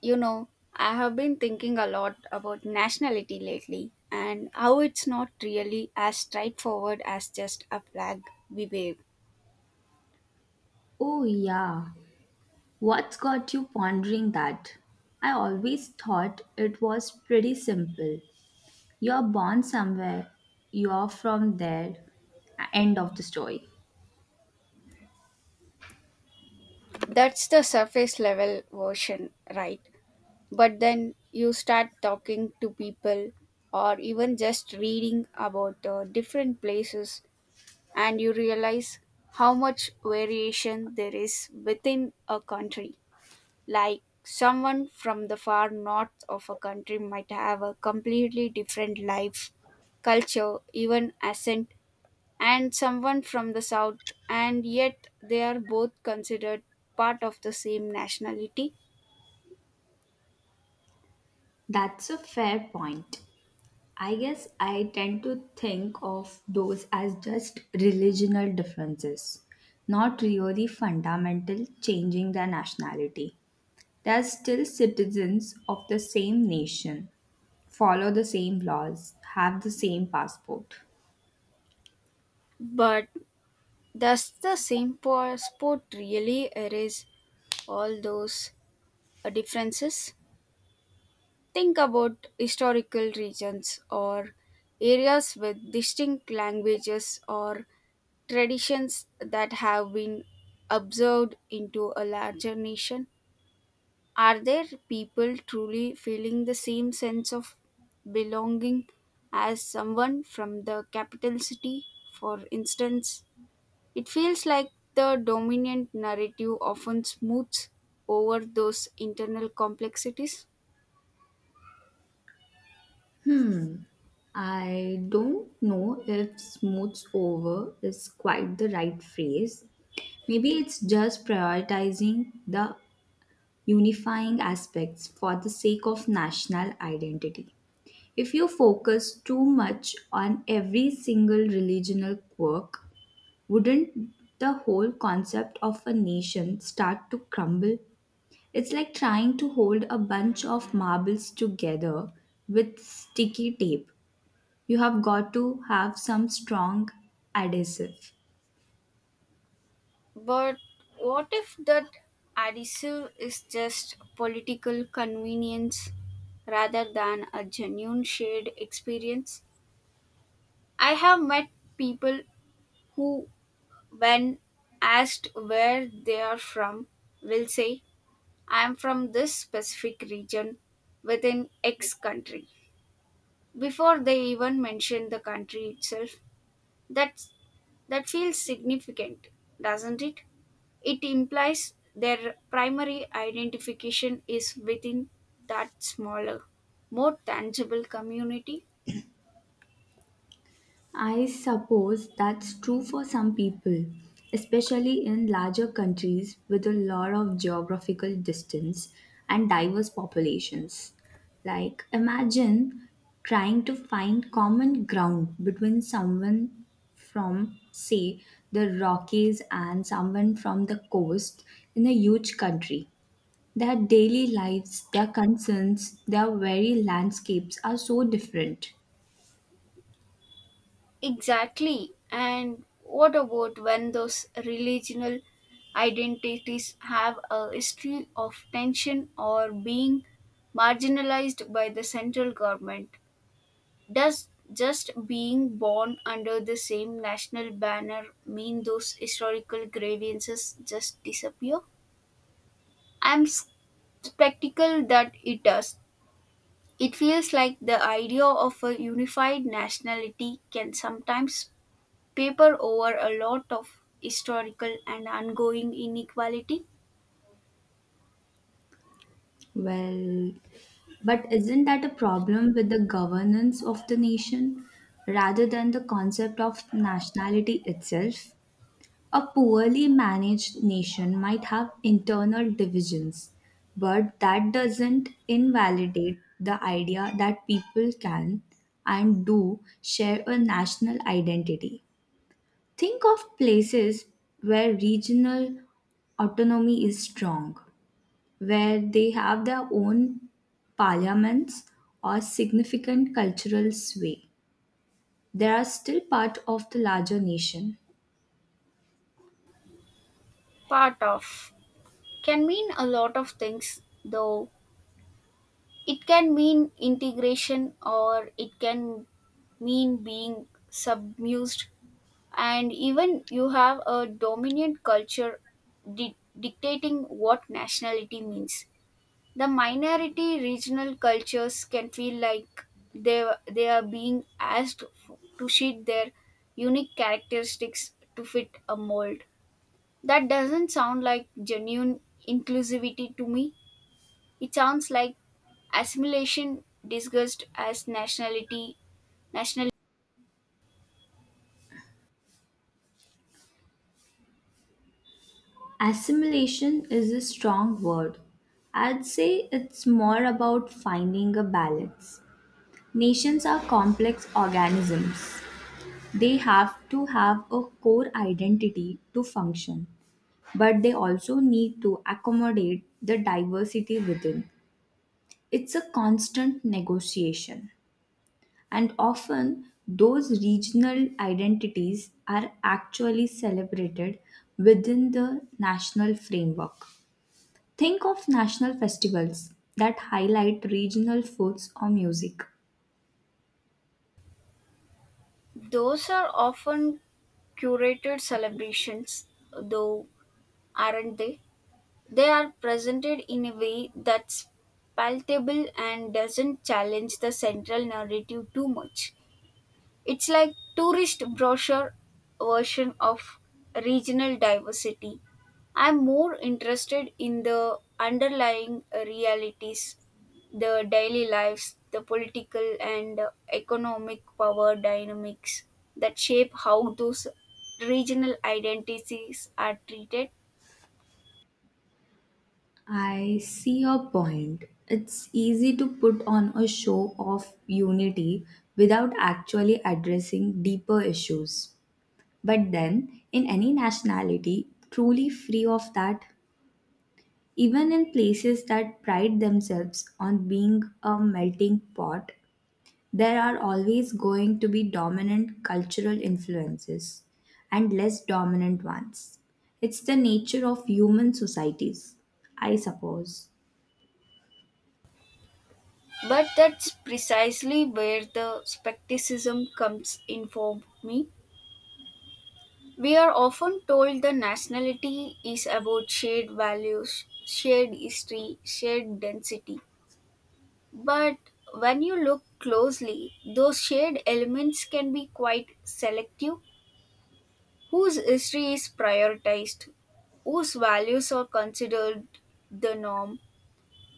You know, I have been thinking a lot about nationality lately and how it's not really as straightforward as just a flag we wave. Oh, yeah. What's got you pondering that? I always thought it was pretty simple. You're born somewhere, you're from there. End of the story. That's the surface level version, right? But then you start talking to people or even just reading about different places and you realize how much variation there is within a country. Like someone from the far north of a country might have a completely different life, culture, even accent, and someone from the south, and yet they are both considered part of the same nationality. That's a fair point. I guess I tend to think of those as just religional differences, not really fundamental changing their nationality. They are still citizens of the same nation. Follow the same laws, have the same passport. But does the same sport really erase all those differences? Think about historical regions or areas with distinct languages or traditions that have been absorbed into a larger nation? Are there people truly feeling the same sense of belonging as someone from the capital city? For instance, it feels like the dominant narrative often smooths over those internal complexities. I don't know if smooths over is quite the right phrase. Maybe it's just prioritizing the unifying aspects for the sake of national identity. If you focus too much on every single religional quirk, wouldn't the whole concept of a nation start to crumble? It's like trying to hold a bunch of marbles together with sticky tape. You have got to have some strong adhesive. But what if that adhesive is just political convenience rather than a genuine shared experience? I have met people who, when asked where they are from, will say, I am from this specific region within X country, before they even mention the country itself. That's, that feels significant, doesn't it? It implies their primary identification is within that smaller, more tangible community. I suppose that's true for some people, especially in larger countries with a lot of geographical distance and diverse populations. Like, imagine trying to find common ground between someone from, say, the Rockies and someone from the coast in a huge country. Their daily lives, their concerns, their very landscapes are so different. Exactly. And what about when those regional identities have a history of tension or being marginalized by the central government? Does just being born under the same national banner mean those historical grievances just disappear? I'm skeptical that it does. It feels like the idea of a unified nationality can sometimes paper over a lot of historical and ongoing inequality. Well, but isn't that a problem with the governance of the nation rather than the concept of nationality itself? A poorly managed nation might have internal divisions, but that doesn't invalidate the idea that people can and do share a national identity. Think of places where regional autonomy is strong, where they have their own parliaments or significant cultural sway. They are still part of the larger nation. Part of can mean a lot of things, though. It can mean integration, or it can mean being submerged, and even you have a dominant culture dictating what nationality means, the minority regional cultures can feel like they they are being asked to shed their unique characteristics to fit a mold that doesn't sound like genuine inclusivity to me. It sounds like assimilation disguised as nationality. National. Assimilation is a strong word. I'd say it's more about finding a balance. Nations are complex organisms. They have to have a core identity to function, but they also need to accommodate the diversity within. It's a constant negotiation. And often, those regional identities are actually celebrated within the national framework. Think of national festivals that highlight regional foods or music. Those are often curated celebrations, though, aren't they? They are presented in a way that's palatable and doesn't challenge the central narrative too much. It's like tourist brochure version of regional diversity. I'm more interested in the underlying realities, the daily lives, the political and economic power dynamics that shape how those regional identities are treated. I see your point. It's easy to put on a show of unity without actually addressing deeper issues. But then, in any nationality, truly free of that, even in places that pride themselves on being a melting pot, there are always going to be dominant cultural influences and less dominant ones. It's the nature of human societies, I suppose. But that's precisely where the skepticism comes in for me. We are often told that nationality is about shared values, shared history, shared density. But when you look closely, those shared elements can be quite selective. Whose history is prioritized? Whose values are considered the norm?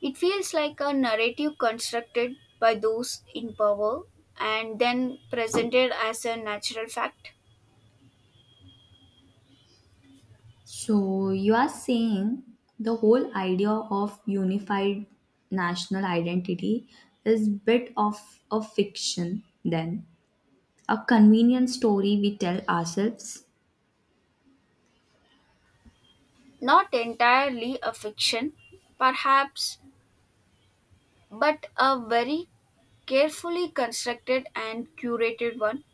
It feels like a narrative constructed by those in power and then presented as a natural fact, So, you are saying the whole idea of unified national identity is bit of a fiction then, a convenient story we tell ourselves. not entirely a fiction perhaps, but a very carefully constructed and curated one.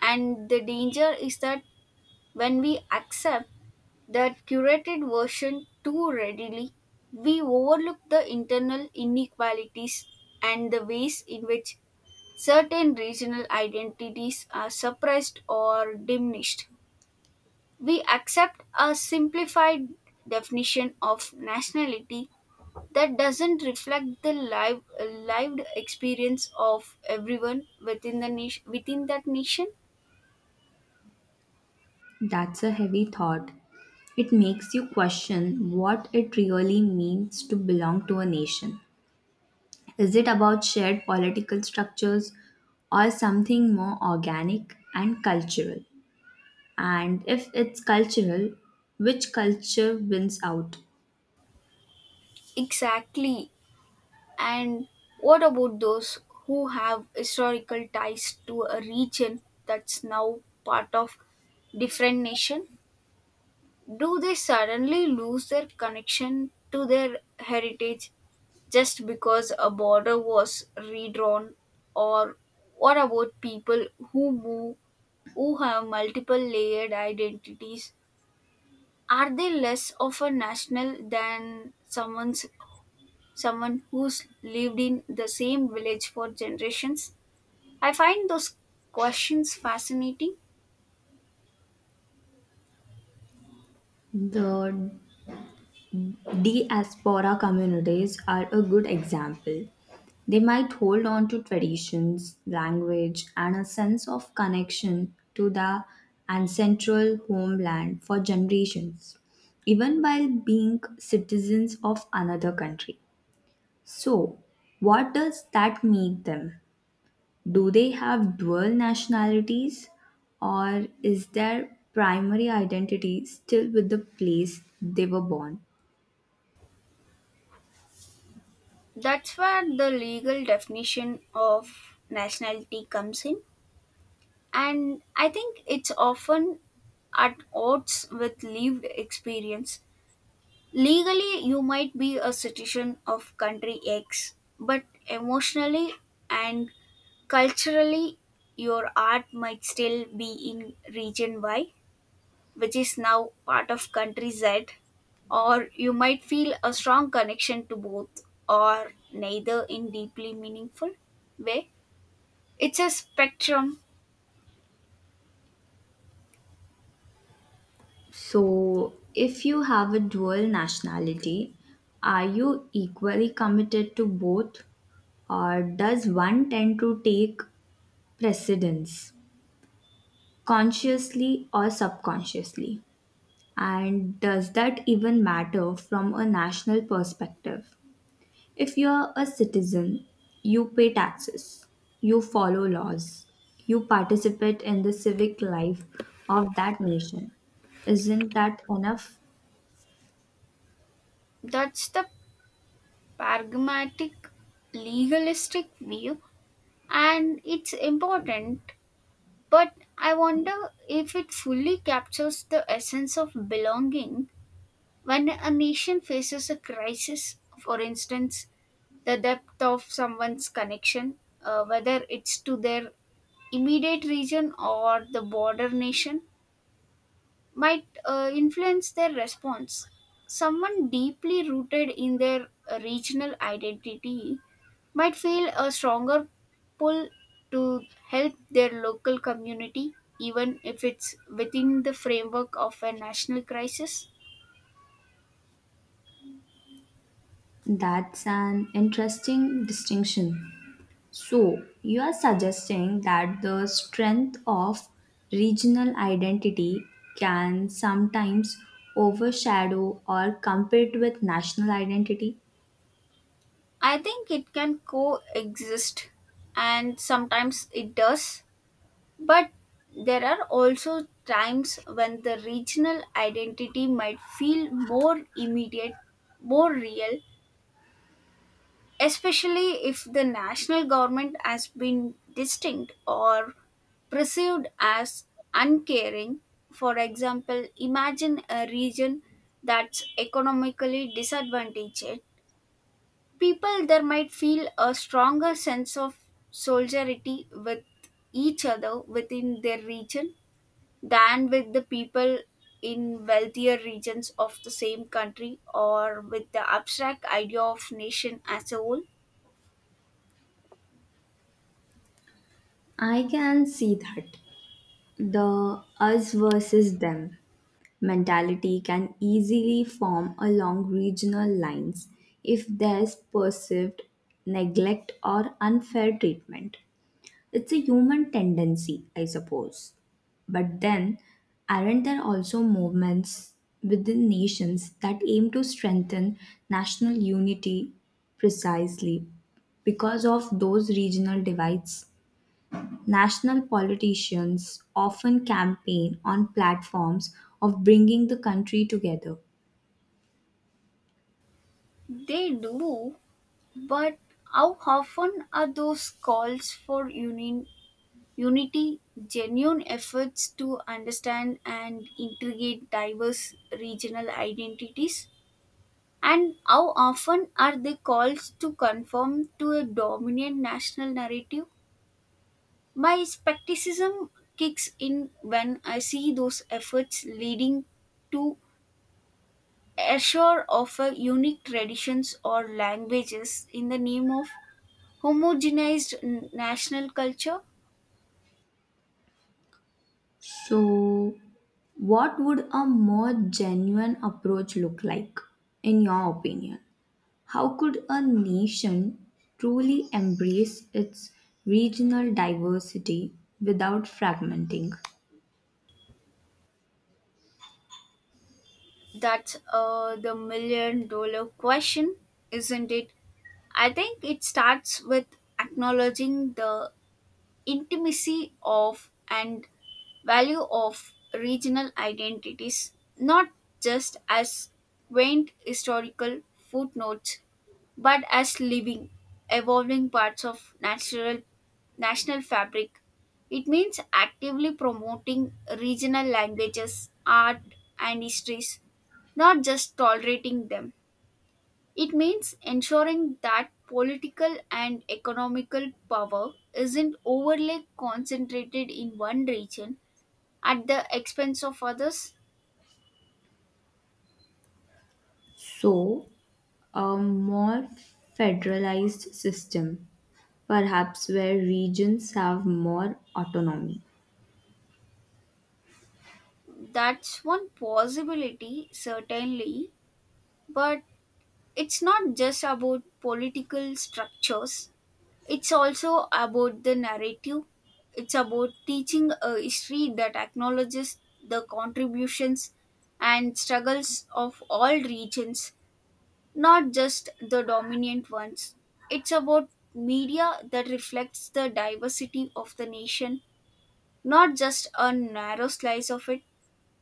And the danger is that when we accept that curated version too readily, we overlook the internal inequalities and the ways in which certain regional identities are suppressed or diminished. We accept a simplified definition of nationality that doesn't reflect the live, lived experience of everyone within the nation within that nation. That's a heavy thought. It makes you question what it really means to belong to a nation. Is it about shared political structures or something more organic and cultural? And if it's cultural, which culture wins out? Exactly. And what about those who have historical ties to a region that's now part of different nation? Do they suddenly lose their connection to their heritage just because a border was redrawn? Or what about people who move, who have multiple layered identities? Are they less of a national than someone who's lived in the same village for generations? I find those questions fascinating. The Diaspora communities are a good example. They might hold on to traditions, language, and a sense of connection to the ancestral homeland for generations, even while being citizens of another country. So, what does that make them? Do they have dual nationalities, or is their primary identity still with the place they were born? That's where the legal definition of nationality comes in, and I think it's often at odds with lived experience. Legally, you might be a citizen of country X, but emotionally and culturally, your art might still be in region Y, which is now part of country Z, or you might feel a strong connection to both or neither in deeply meaningful way. It's a spectrum. So, if you have a dual nationality, are you equally committed to both, or does one tend to take precedence consciously or subconsciously? And does that even matter from a national perspective? If you're a citizen, you pay taxes, you follow laws, you participate in the civic life of that nation. Isn't that enough? That's the pragmatic, legalistic view, and it's important. But I wonder if it fully captures the essence of belonging when a nation faces a crisis. For instance, the depth of someone's connection, whether it's to their immediate region or the border nation might influence their response. Someone deeply rooted in their regional identity might feel a stronger pull to help their local community, even if it's within the framework of a national crisis. That's an interesting distinction. So, you are suggesting that the strength of regional identity can sometimes overshadow or compete with national identity? I think it can coexist, and sometimes it does, but there are also times when the regional identity might feel more immediate, more real, especially if the national government has been distinct or perceived as uncaring. For example, imagine a region that's economically disadvantaged. People there might feel a stronger sense of solidarity with each other within their region than with the people in wealthier regions of the same country or with the abstract idea of nation as a whole. I can see that. The us versus them mentality can easily form along regional lines if there's perceived neglect or unfair treatment. It's a human tendency, I suppose. But then, aren't there also movements within nations that aim to strengthen national unity precisely because of those regional divides? National politicians often campaign on platforms of bringing the country together. They do, but how often are those calls for unity genuine efforts to understand and integrate diverse regional identities? And how often are they calls to conform to a dominant national narrative? My skepticism kicks in when I see those efforts leading to assure of a unique traditions or languages in the name of homogenized national culture. So, what would a more genuine approach look like, in your opinion? How could a nation truly embrace its regional diversity without fragmenting? That's the million dollar question, isn't it? I think it starts with acknowledging the intimacy of and value of regional identities, not just as quaint historical footnotes, but as living, evolving parts of natural national fabric. It means actively promoting regional languages, art, and histories, not just tolerating them. It means ensuring that political and economical power isn't overly concentrated in one region at the expense of others. So, a more federalized system, perhaps where regions have more autonomy. That's one possibility, certainly, but it's not just about political structures, it's also about the narrative. It's about teaching a history that acknowledges the contributions and struggles of all regions, not just the dominant ones. It's about media that reflects the diversity of the nation, not just a narrow slice of it.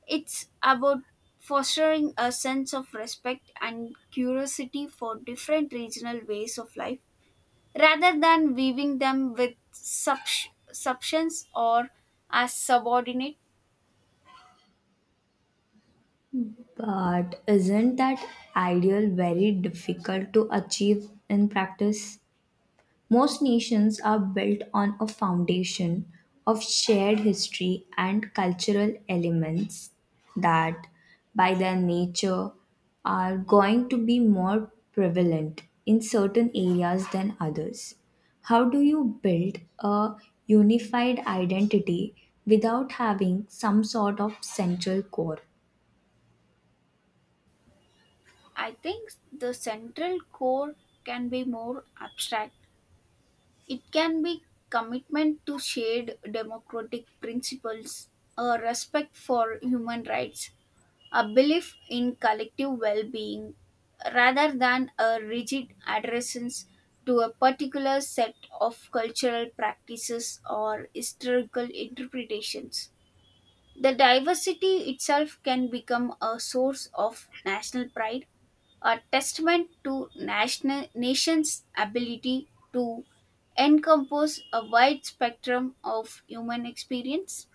It's about fostering a sense of respect and curiosity for different regional ways of life rather than weaving them with substance or as subordinate. But isn't that ideal very difficult to achieve in practice? Most nations are built on a foundation of shared history and cultural elements that, by their nature, are going to be more prevalent in certain areas than others. How do you build a unified identity without having some sort of central core? I think the central core can be more abstract. It can be commitment to shared democratic principles, a respect for human rights, a belief in collective well being rather than a rigid adherence to a particular set of cultural practices or historical interpretations. The diversity itself can become a source of national pride, a testament to national nation's ability to encompass a wide spectrum of human experience.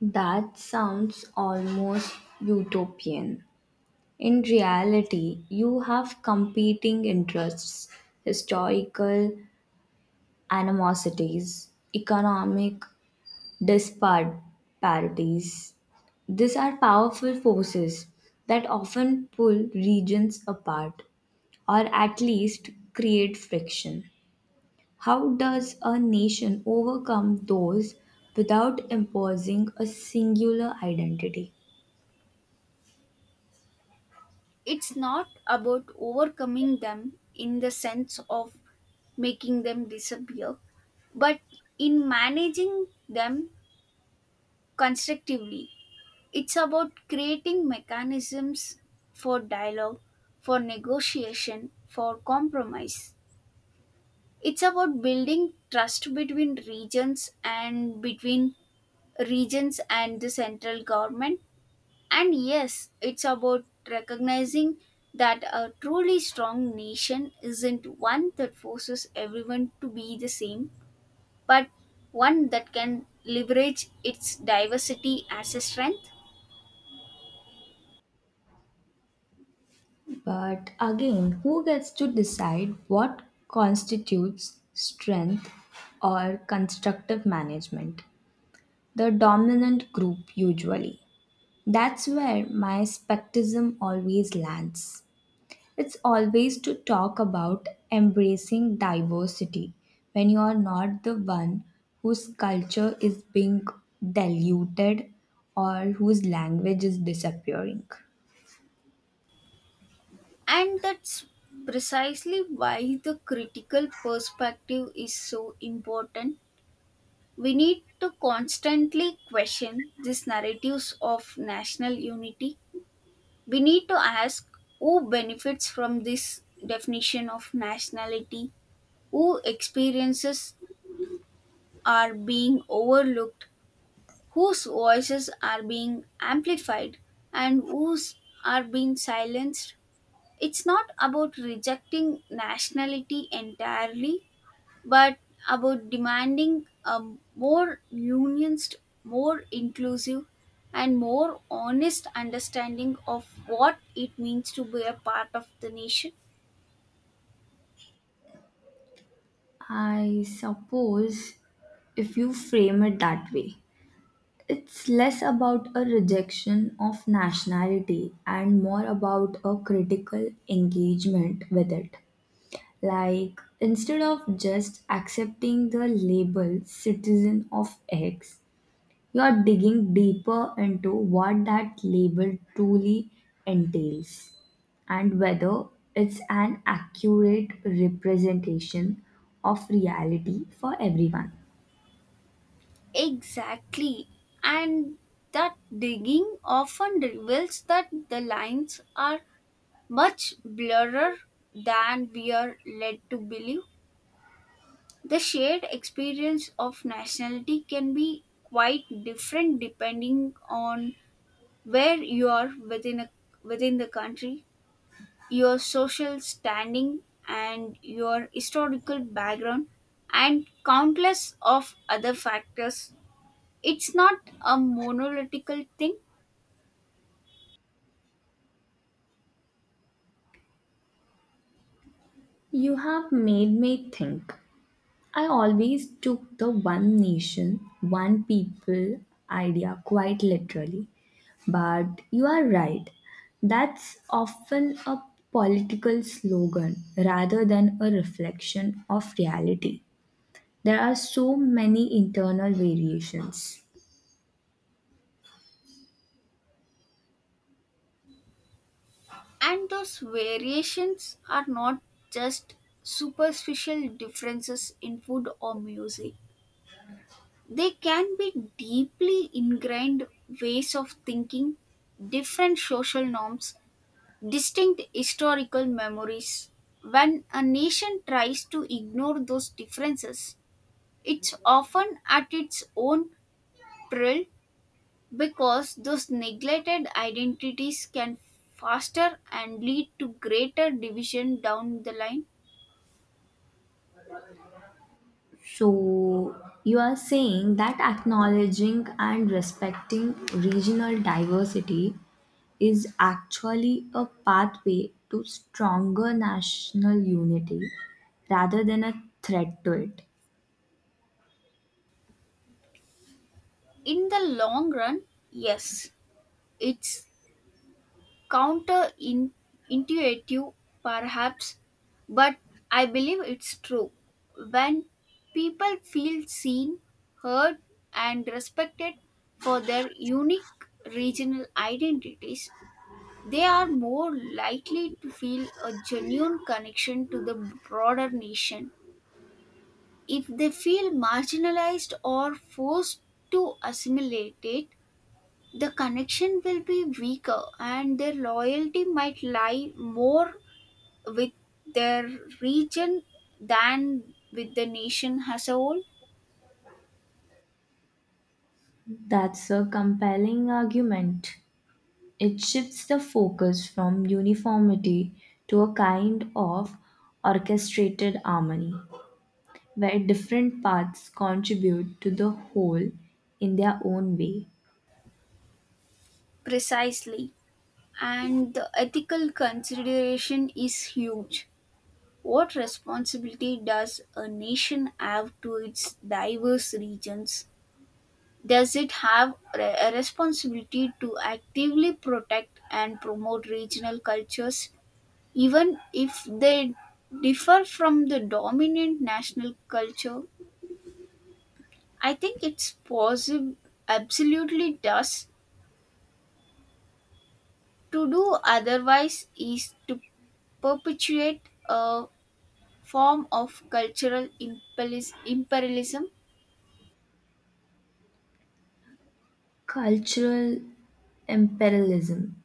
That sounds almost utopian. In reality, you have competing interests, historical animosities, economic disparities. These are powerful forces that often pull regions apart or at least create friction. How does a nation overcome those without imposing a singular identity? It's not about overcoming them in the sense of making them disappear, but in managing them constructively. It's about creating mechanisms for dialogue, for negotiation, for compromise. It's about building trust between regions and the central government. And yes, it's about recognizing that a truly strong nation isn't one that forces everyone to be the same, but one that can leverage its diversity as a strength. But again, who gets to decide what constitutes strength or constructive management? The dominant group, usually. That's where my skepticism always lands. It's always to talk about embracing diversity when you are not the one whose culture is being diluted or whose language is disappearing. And that's precisely why the critical perspective is so important. We need to constantly question these narratives of national unity. We need to ask who benefits from this definition of nationality, who experiences are being overlooked, whose voices are being amplified, and whose are being silenced. It's not about rejecting nationality entirely, but about demanding a more unionist, more inclusive, and more honest understanding of what it means to be a part of the nation. I suppose if you frame it that way, it's less about a rejection of nationality and more about a critical engagement with it. Like, instead of just accepting the label citizen of X, you are digging deeper into what that label truly entails and whether it's an accurate representation of reality for everyone. Exactly. And that digging often reveals that the lines are much blurrer than we are led to believe. The shared experience of nationality can be quite different depending on where you are within the country, your social standing and your historical background and countless of other factors. It's not a monolithical thing. You have made me think. I always took the one nation, one people idea quite literally. But you are right. That's often a political slogan rather than a reflection of reality. There are so many internal variations. And those variations are not just superficial differences in food or music. They can be deeply ingrained ways of thinking, different social norms, distinct historical memories. When a nation tries to ignore those differences, it's often at its own peril because those neglected identities can faster and lead to greater division down the line. So, you are saying that acknowledging and respecting regional diversity is actually a pathway to stronger national unity rather than a threat to it. In the long run, yes, it's counterintuitive perhaps, but I believe it's true. When people feel seen, heard, and respected for their unique regional identities, they are more likely to feel a genuine connection to the broader nation. If they feel marginalized or forced to assimilate it, the connection will be weaker and their loyalty might lie more with their region than with the nation as a whole. That's a compelling argument. It shifts the focus from uniformity to a kind of orchestrated harmony, where different paths contribute to the whole in their own way. Precisely. And the ethical consideration is huge. What responsibility does a nation have to its diverse regions? Does it have a responsibility to actively protect and promote regional cultures? Even if they differ from the dominant national culture, I think it's possible, absolutely does. To do otherwise is to perpetuate a form of cultural imperialism. Cultural imperialism,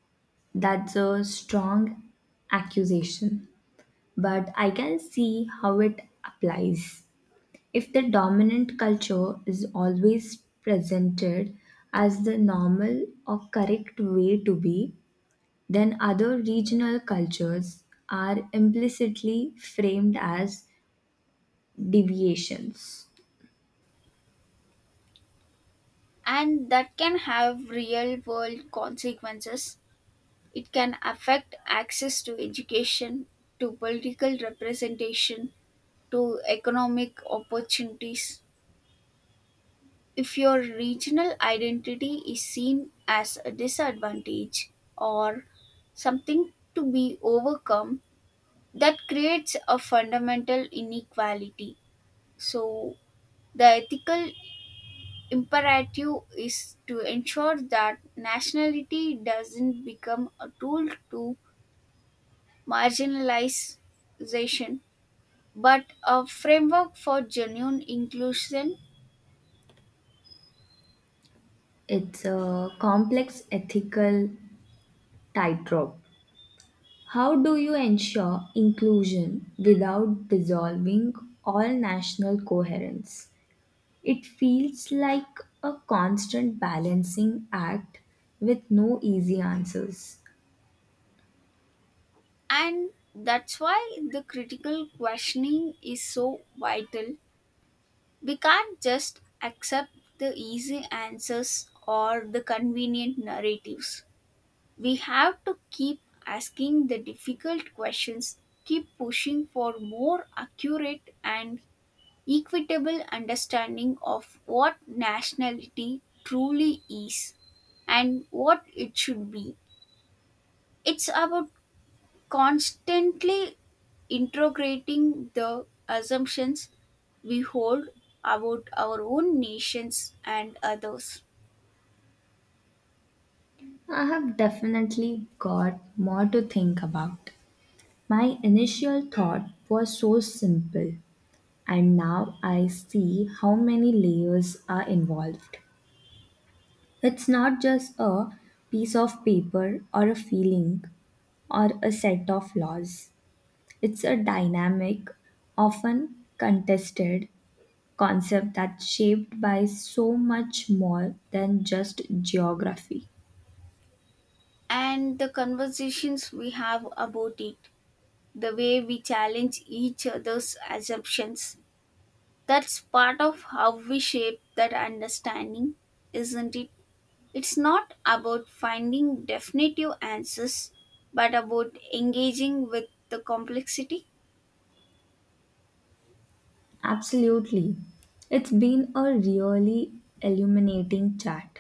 that's a strong accusation, but I can see how it applies. If the dominant culture is always presented as the normal or correct way to be, then other regional cultures are implicitly framed as deviations. And that can have real world consequences. It can affect access to education, to political representation, to economic opportunities. If your regional identity is seen as a disadvantage or something to be overcome, that creates a fundamental inequality. So, the ethical imperative is to ensure that nationality doesn't become a tool to marginalization but a framework for genuine inclusion. It's a complex ethical tightrope. How do you ensure inclusion without dissolving all national coherence? It feels like a constant balancing act with no easy answers. And that's why the critical questioning is so vital. We can't just accept the easy answers or the convenient narratives. We have to keep asking the difficult questions, keep pushing for more accurate and equitable understanding of what nationality truly is and what it should be. It's about constantly integrating the assumptions we hold about our own nations and others, I have definitely got more to think about. My initial thought was so simple, and now I see how many layers are involved. It's not just a piece of paper or a feeling or a set of laws. It's a dynamic, often contested concept that's shaped by so much more than just geography. and the conversations we have about it, the way we challenge each other's assumptions. That's part of how we shape that understanding, isn't it? It's not about finding definitive answers, but about engaging with the complexity. Absolutely. It's been a really illuminating chat.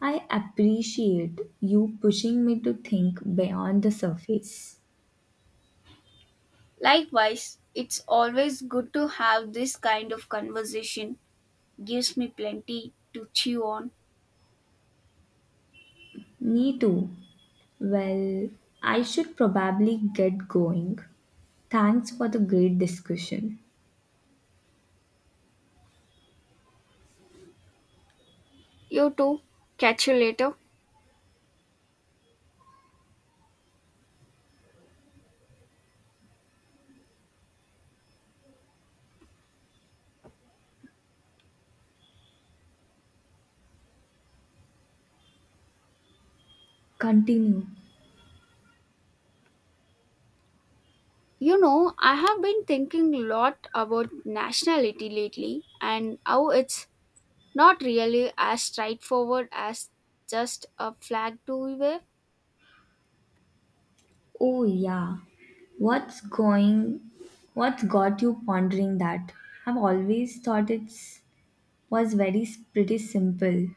I appreciate you pushing me to think beyond the surface. Likewise, it's always good to have this kind of conversation. Gives me plenty to chew on. Me too. Well, I should probably get going. Thanks for the great discussion. You too. Catch you later. Continue. You know, I have been thinking a lot about nationality lately and how it's not really as straightforward as just a flag to wave. Oh yeah. What's going what's got you pondering that? I've always thought it's was very s- Pretty simple.